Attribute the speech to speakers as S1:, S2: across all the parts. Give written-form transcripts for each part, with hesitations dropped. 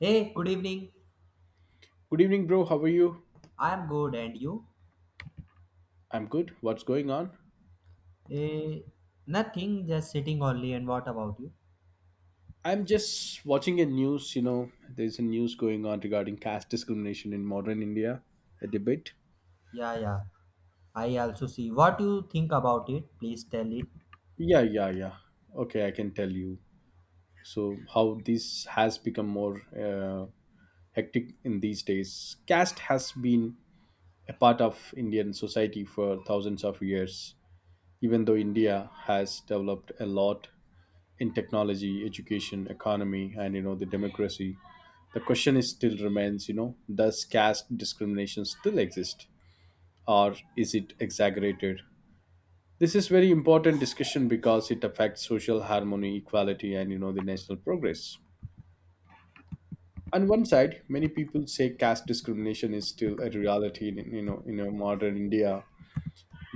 S1: Hey, good evening.
S2: Good evening, bro. How are you?
S1: I'm good, and you?
S2: I'm good. What's going on?
S1: Eh, Nothing, just sitting only. And what about you?
S2: I'm just watching a news. There's a news going on regarding caste discrimination in modern India, a debate.
S1: Yeah, yeah. I also see. What you think about it? Please tell it.
S2: Yeah, yeah, yeah. Okay, I can tell you. So, how this has become more hectic in these days. Caste has been a part of Indian society for thousands of years, even though India has developed a lot in technology, education, economy, and the democracy. The question is still remains, does caste discrimination still exist or is it exaggerated? This is very important discussion because it affects social harmony, equality, and the national progress. On one side, many people say caste discrimination is still a reality in, in a modern India.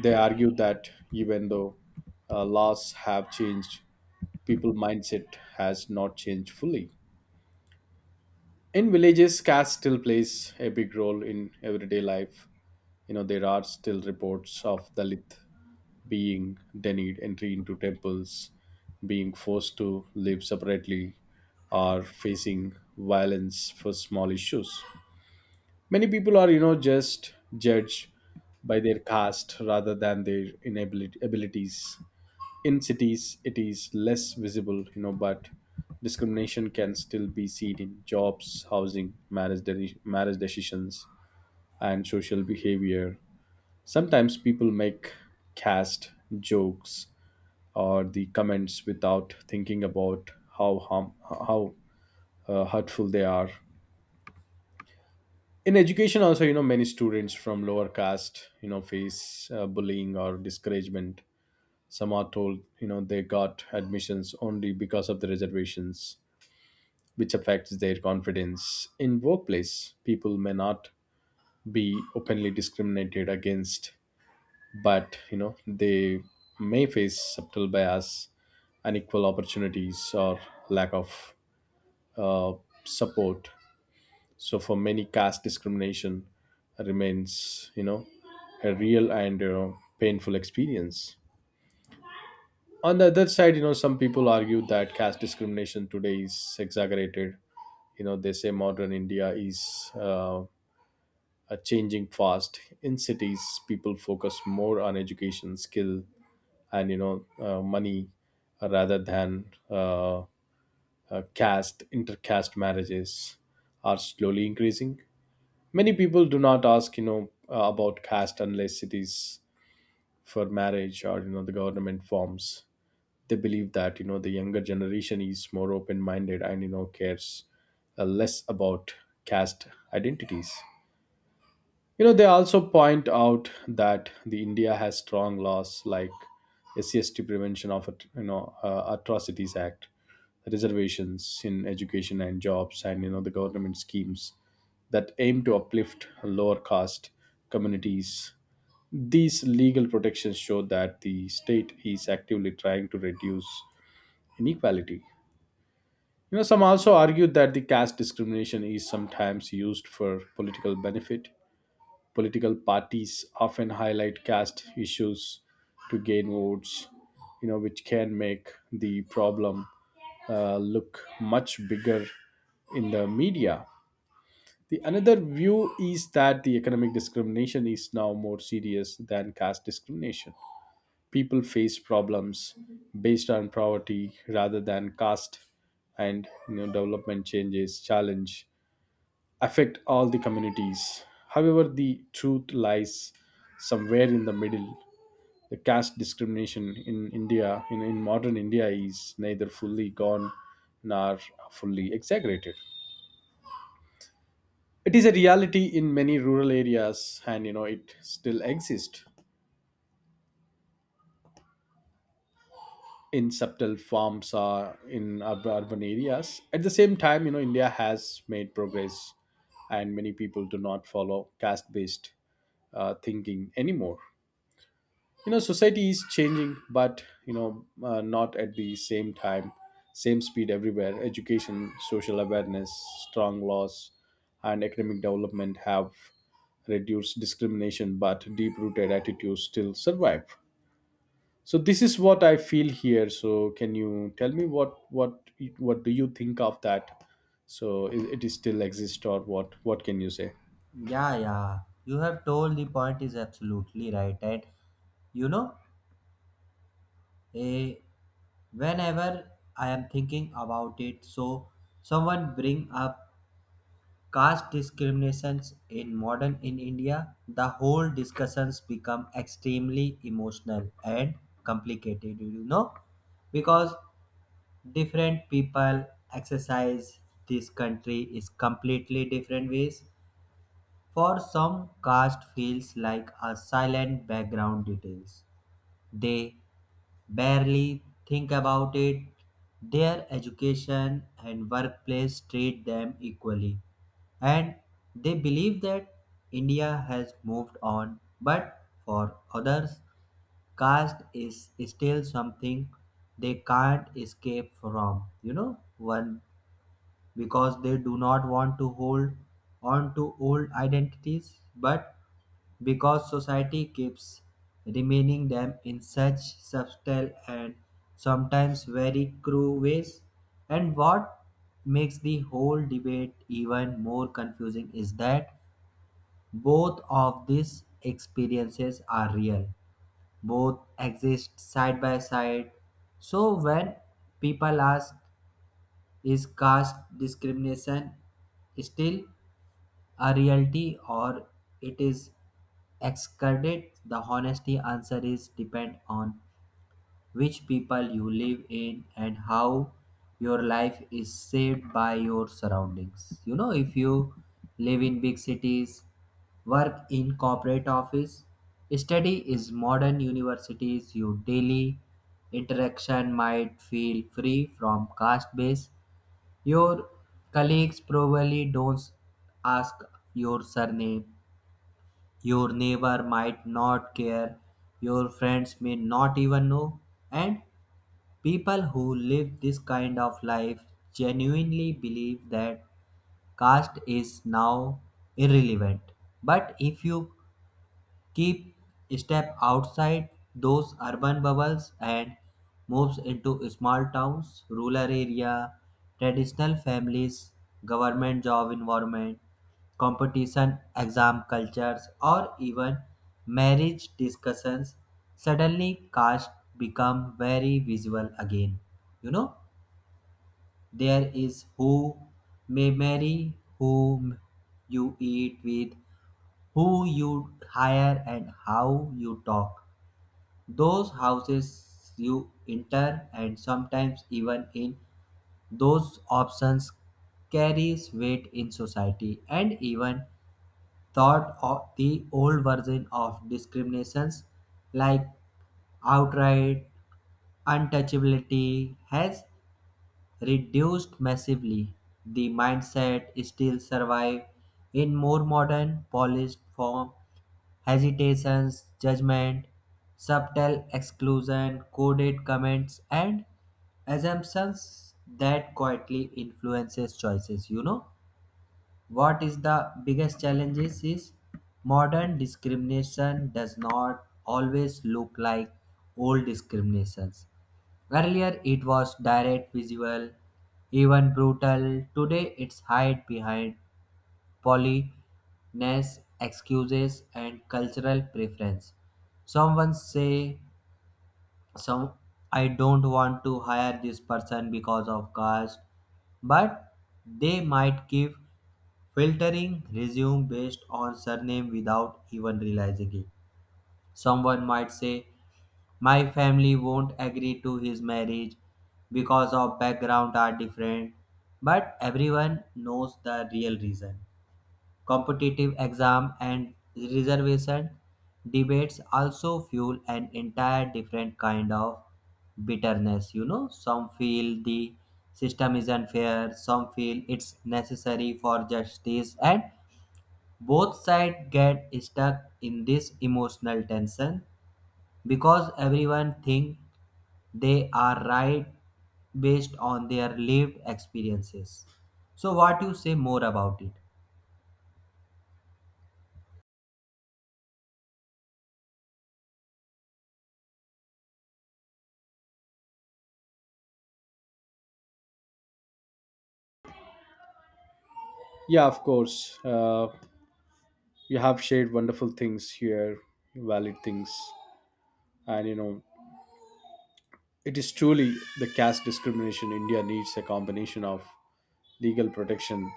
S2: They argue that even though laws have changed, people mindset has not changed fully. In villages, caste still plays a big role in everyday life. There are still reports of dalit being denied entry into temples, being forced to live separately, or facing violence for small issues. Many people are, just judged by their caste rather than their inability abilities. In cities it is less visible, but discrimination can still be seen in jobs, housing, marriage, marriage decisions, and social behavior. Sometimes people make cast jokes or the comments without thinking about how hurtful they are. In education, also, many students from lower caste, face bullying or discouragement. Some are told, they got admissions only because of the reservations, which affects their confidence. In workplace, people may not be openly discriminated against, but they may face subtle bias, unequal opportunities, or lack of uh, support. So for many, caste discrimination remains, a real and, painful experience. On the other side, some people argue that caste discrimination today is exaggerated. They say modern India is a changing fast. In cities, people focus more on education, skill, and money rather than caste. Intercaste marriages are slowly increasing. Many people do not ask, about caste unless it is for marriage or, the government forms. They believe that, the younger generation is more open minded and, cares less about caste identities. You know, they also point out that the India has strong laws like SCST Prevention of Atrocities Act, reservations in education and jobs, and the government schemes that aim to uplift lower caste communities. These legal protections show that the state is actively trying to reduce inequality. You know, some also argue that the caste discrimination is sometimes used for political benefit. Political parties often highlight caste issues to gain votes, you know, which can make the problem look much bigger in the media. The another view is that the economic discrimination is now more serious than caste discrimination. People face problems based on poverty rather than caste, and development changes challenge affect all the communities. However, the truth lies somewhere in the middle. The caste discrimination in India, in modern India, is neither fully gone nor fully exaggerated. It is a reality in many rural areas, and it still exists in subtle forms or in urban areas. At the same time, India has made progress, and many people do not follow caste-based thinking anymore. You know, society is changing, but not at the same speed everywhere. Education, social awareness, strong laws, and economic development have reduced discrimination, but deep rooted attitudes still survive. So this is what I feel here. So can you tell me what do you think of that? So it is still exist, or what can you say?
S1: Yeah, yeah. You have told the point is absolutely right. And you know, eh, whenever I am thinking about it, so someone bring up caste discriminations in modern in India, the whole discussions become extremely emotional and complicated, you know, because different people exercise this country is completely different ways. For some, caste feels like a silent background details they barely think about it. Their education and workplace treat them equally. And they believe that India has moved on, but for others, caste is still something they can't escape from, you know, one because they do not want to hold on to old identities but because society keeps remaining them in such subtle and sometimes very cruel ways. And what makes the whole debate even more confusing is that both of these experiences are real, both exist side by side. So when people ask, is caste discrimination still a reality or it is excluded, the honesty answer is depend on which people you live in and how your life is shaped by your surroundings. You know, if you live in big cities, work in corporate office, study is modern universities, your daily interaction might feel free from caste based. Your colleagues probably don't ask your surname. Your neighbor might not care. Your friends may not even know. And people who live this kind of life genuinely believe that caste is now irrelevant. But if you keep step outside those urban bubbles and moves into small towns, rural area, traditional families, government job environment, competition, exam cultures, or even marriage discussions. Suddenly, caste become very visible again. You know, there is who may marry, whom you eat with, who you hire and how you talk. Those houses you enter, and sometimes even in those options, carries weight in society, and even thought of the old version of discriminations like outright untouchability has reduced massively. The mindset still survive in more modern polished form: hesitations, judgment, subtle exclusion, coded comments, and assumptions that quietly influences choices. You know what is the biggest challenge is modern discrimination does not always look like old discriminations. Earlier, it was direct, visual, even brutal. Today, it's hide behind politeness, excuses, and cultural preference. Someone say, "Some I don't want to hire this person because of caste," but they might give filtering resume based on surname without even realizing it. Someone might say, my family won't agree to his marriage because of background are different, but everyone knows the real reason. Competitive exam and reservation debates also fuel an entire different kind of bitterness. You know, some feel the system is unfair, some feel it's necessary for justice, and both sides get stuck in this emotional tension because everyone thinks they are right based on their lived experiences. So, what you say more about it?
S2: Yeah, of course. You have shared wonderful things here, valid things. And it is truly the caste discrimination India needs a combination of legal protection,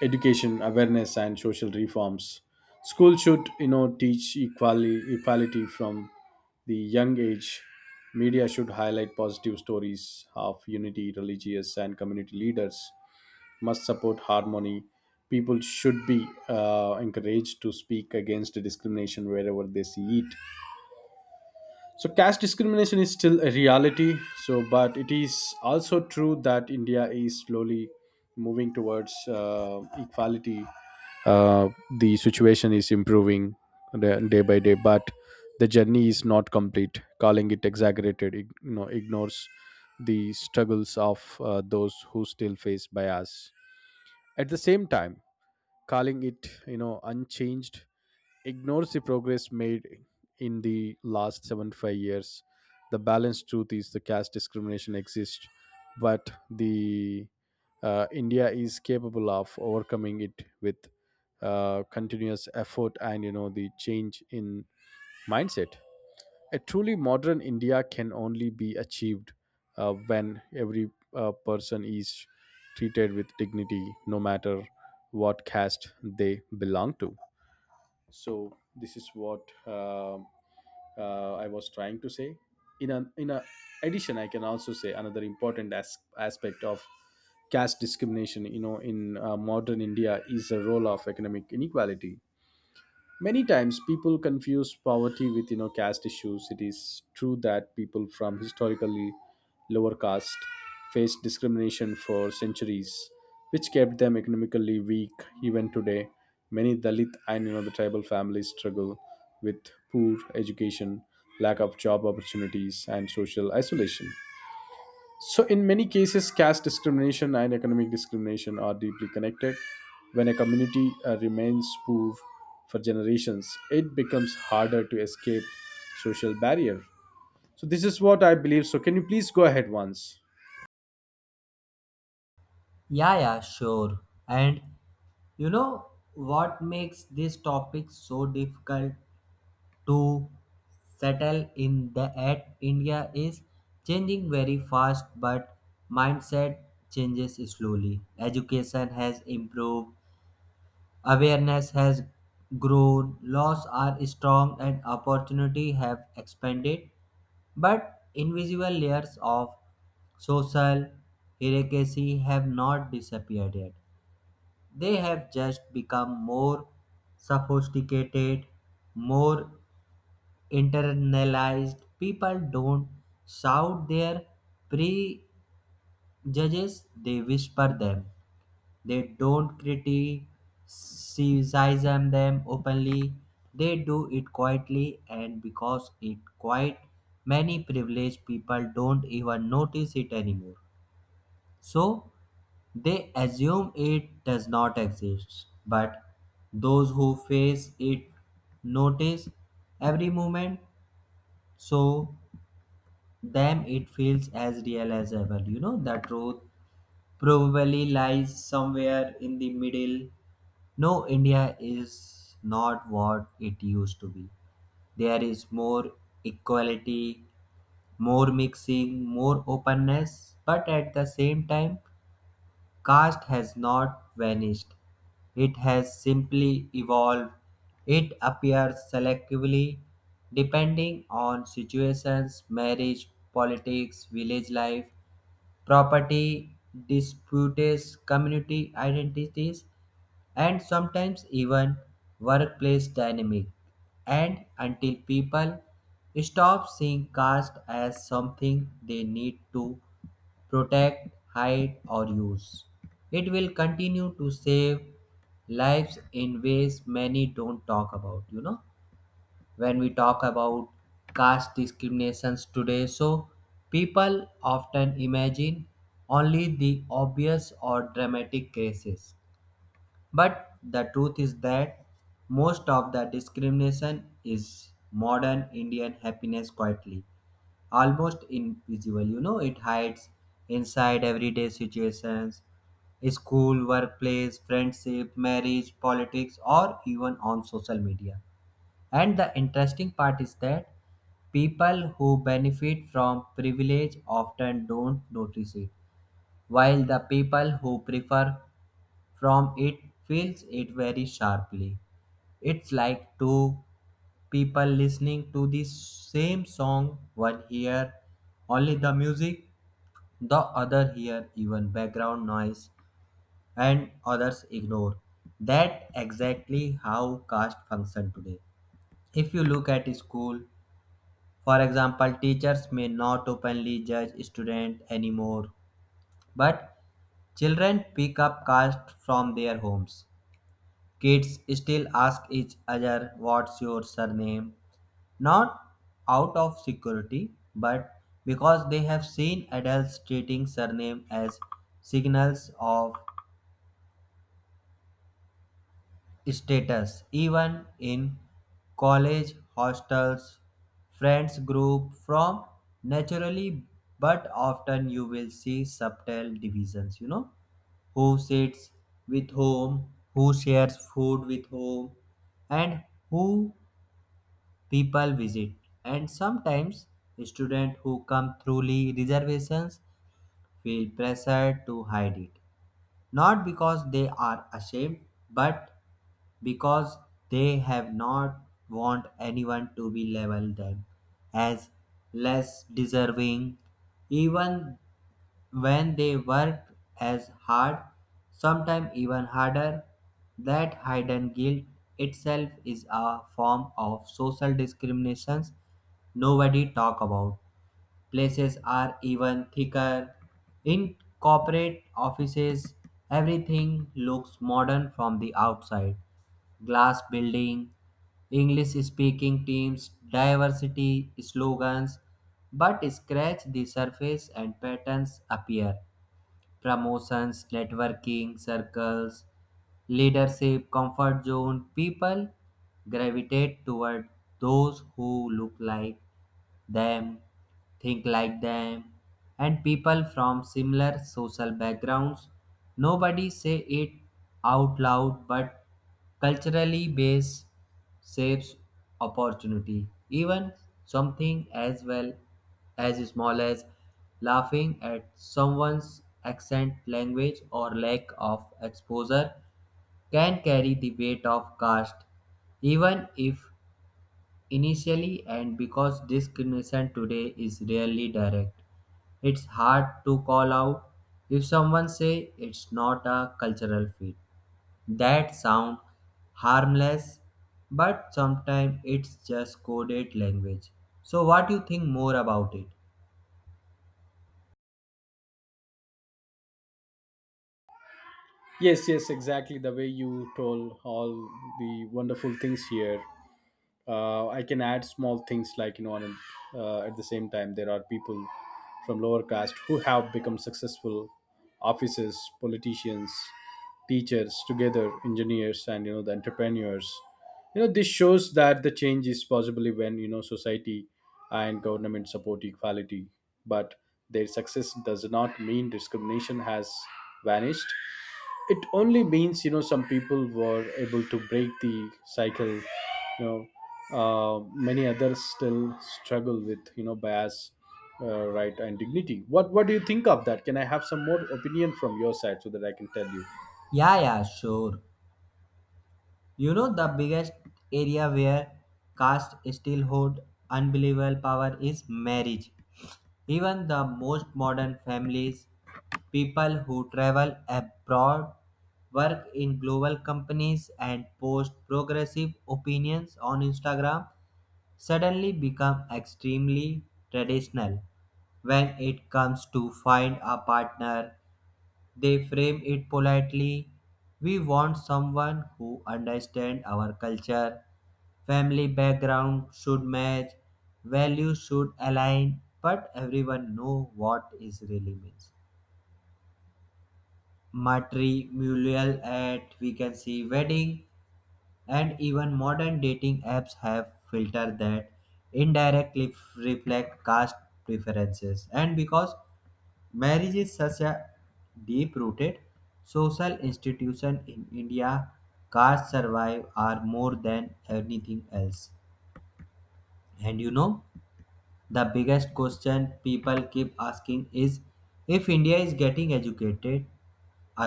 S2: education awareness, and social reforms. School should, teach equality from the young age. Media should highlight positive stories of unity. Religious and community leaders must support harmony. People should be encouraged to speak against discrimination wherever they see it. So caste discrimination is still a reality. So, but it is also true that India is slowly moving towards equality. Uh, the situation is improving day by day, but the journey is not complete. Calling it exaggerated, ignores the struggles of those who still face bias. At the same time, calling it, unchanged ignores the progress made in the last 75 years. The balanced truth is the caste discrimination exists, but the India is capable of overcoming it with continuous effort and, the change in mindset. A truly modern India can only be achieved when every person is treated with dignity, no matter what caste they belong to. So this is what I was trying to say. In an in a addition, I can also say another important aspect of caste discrimination, in modern India, is the role of economic inequality. Many times people confuse poverty with, caste issues. It is true that people from historically lower caste faced discrimination for centuries, which kept them economically weak. Even today, many dalit and, the tribal families struggle with poor education, lack of job opportunities, and social isolation. So, in many cases, caste discrimination and economic discrimination are deeply connected. When a community remains poor for generations, it becomes harder to escape social barrier. So, this is what I believe. So, can you please go ahead once?
S1: Yeah, yeah, sure. And you know what makes this topic so difficult to settle in the at India is changing very fast, but mindset changes slowly. Education has improved, awareness has grown, laws are strong, and opportunity have expanded, but invisible layers of social hierarchy have not disappeared yet. They have just become more sophisticated, more internalized. People don't shout their prejudices, they whisper them. They don't criticize them openly. They do it quietly, and because it quiet, many privileged people don't even notice it anymore. So they assume it does not exist, but those who face it notice every moment, so them it feels as real as ever. You know, the truth probably lies somewhere in the middle. No, India is not what it used to be. There is more equality, more mixing, more openness, but at the same time, caste has not vanished, it has simply evolved. It appears selectively depending on situations, marriage, politics, village life, property, disputes, community identities and sometimes even workplace dynamic, and until people stop seeing caste as something they need to protect, hide or use, it will continue to save lives in ways many don't talk about. You know, when we talk about caste discriminations today, so people often imagine only the obvious or dramatic cases, but the truth is that most of the discrimination is modern Indian happiness quietly, almost invisible. You know, it hides inside everyday situations, school, workplace, friendship, marriage, politics, or even on social media. And the interesting part is that people who benefit from privilege often don't notice it, while the people who prefer from it feels it very sharply. It's like two people listening to the same song, one hear only the music, the other hear even background noise, and others ignore. That exactly how caste function today. If you look at school, for example, teachers may not openly judge students anymore, but children pick up caste from their homes. Kids still ask each other what's your surname, not out of security, but because they have seen adults treating surname as signals of status. Even in college, hostels, friends group from naturally, but often you will see subtle divisions, you know, who sits with whom, who shares food with whom, and who people visit, and sometimes students who come through reservations feel pressured to hide it, not because they are ashamed, but because they have not want anyone to be label them as less deserving, even when they worked as hard, sometimes even harder. That hidden guilt itself is a form of social discrimination nobody talk about. Places are even thicker. In corporate offices, everything looks modern from the outside: glass building, English speaking teams, diversity slogans, but scratch the surface and patterns appear: promotions, networking, circles, leadership, comfort zone. People gravitate toward those who look like them, think like them, and people from similar social backgrounds. Nobody say it out loud, but culturally based shapes opportunity. Even something as well as small as laughing at someone's accent, language, or lack of exposure, can carry the weight of caste, even if initially, and because discrimination today is rarely direct, it's hard to call out. If someone say it's not a cultural fit, that sound harmless, but sometimes it's just coded language. So what do you think more about it?
S2: Yes, yes, exactly. The way you told all the wonderful things here. I can add small things like, on at the same time there are people from lower caste who have become successful officers, politicians, teachers together, engineers, and, the entrepreneurs. You know, this shows that the change is possibly when, society and government support equality, but their success does not mean discrimination has vanished. It only means, some people were able to break the cycle. you know many others still struggle with, bias, right and dignity. What do you think of that? Can I have some more opinion from your side so that I can tell you?
S1: Yeah, yeah, sure. You know, the biggest area where caste still hold unbelievable power is marriage. Even the most modern families, people who travel abroad, work in global companies, and post progressive opinions on Instagram suddenly become extremely traditional. When it comes to find a partner, they frame it politely. We want someone who understands our culture. Family background should match, values should align, but everyone know what is really means. Matrimonial at we can see wedding and even modern dating apps have filters that indirectly reflect caste preferences, and because marriage is such a deep rooted social institution in India, caste survive are more than anything else. And you know the biggest question people keep asking is, if India is getting educated,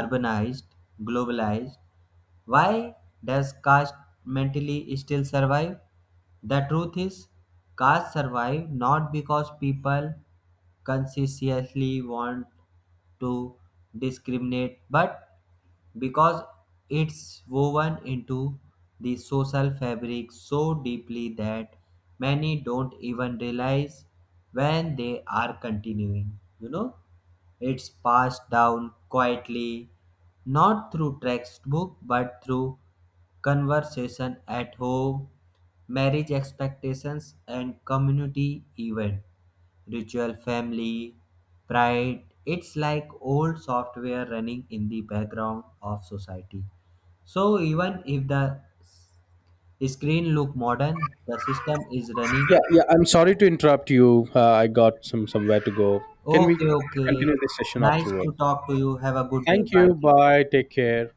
S1: urbanized, globalized, why does caste mentally still survive? The truth is, caste survive not because people consciously want to discriminate, but because it's woven into the social fabric so deeply that many don't even realize when they are continuing. You know. It's passed down quietly, not through textbook but through conversation at home, marriage expectations and community event, ritual family, pride. It's like old software running in the background of society. So even if the screen look modern, the system is running.
S2: Yeah, yeah. I'm sorry to interrupt you. I got somewhere to go. Can we
S1: Okay, okay.
S2: continue this session
S1: Nice
S2: afterwards?
S1: to talk to you. Have a good day.
S2: Thank
S1: Bye.
S2: you. Bye. Take care.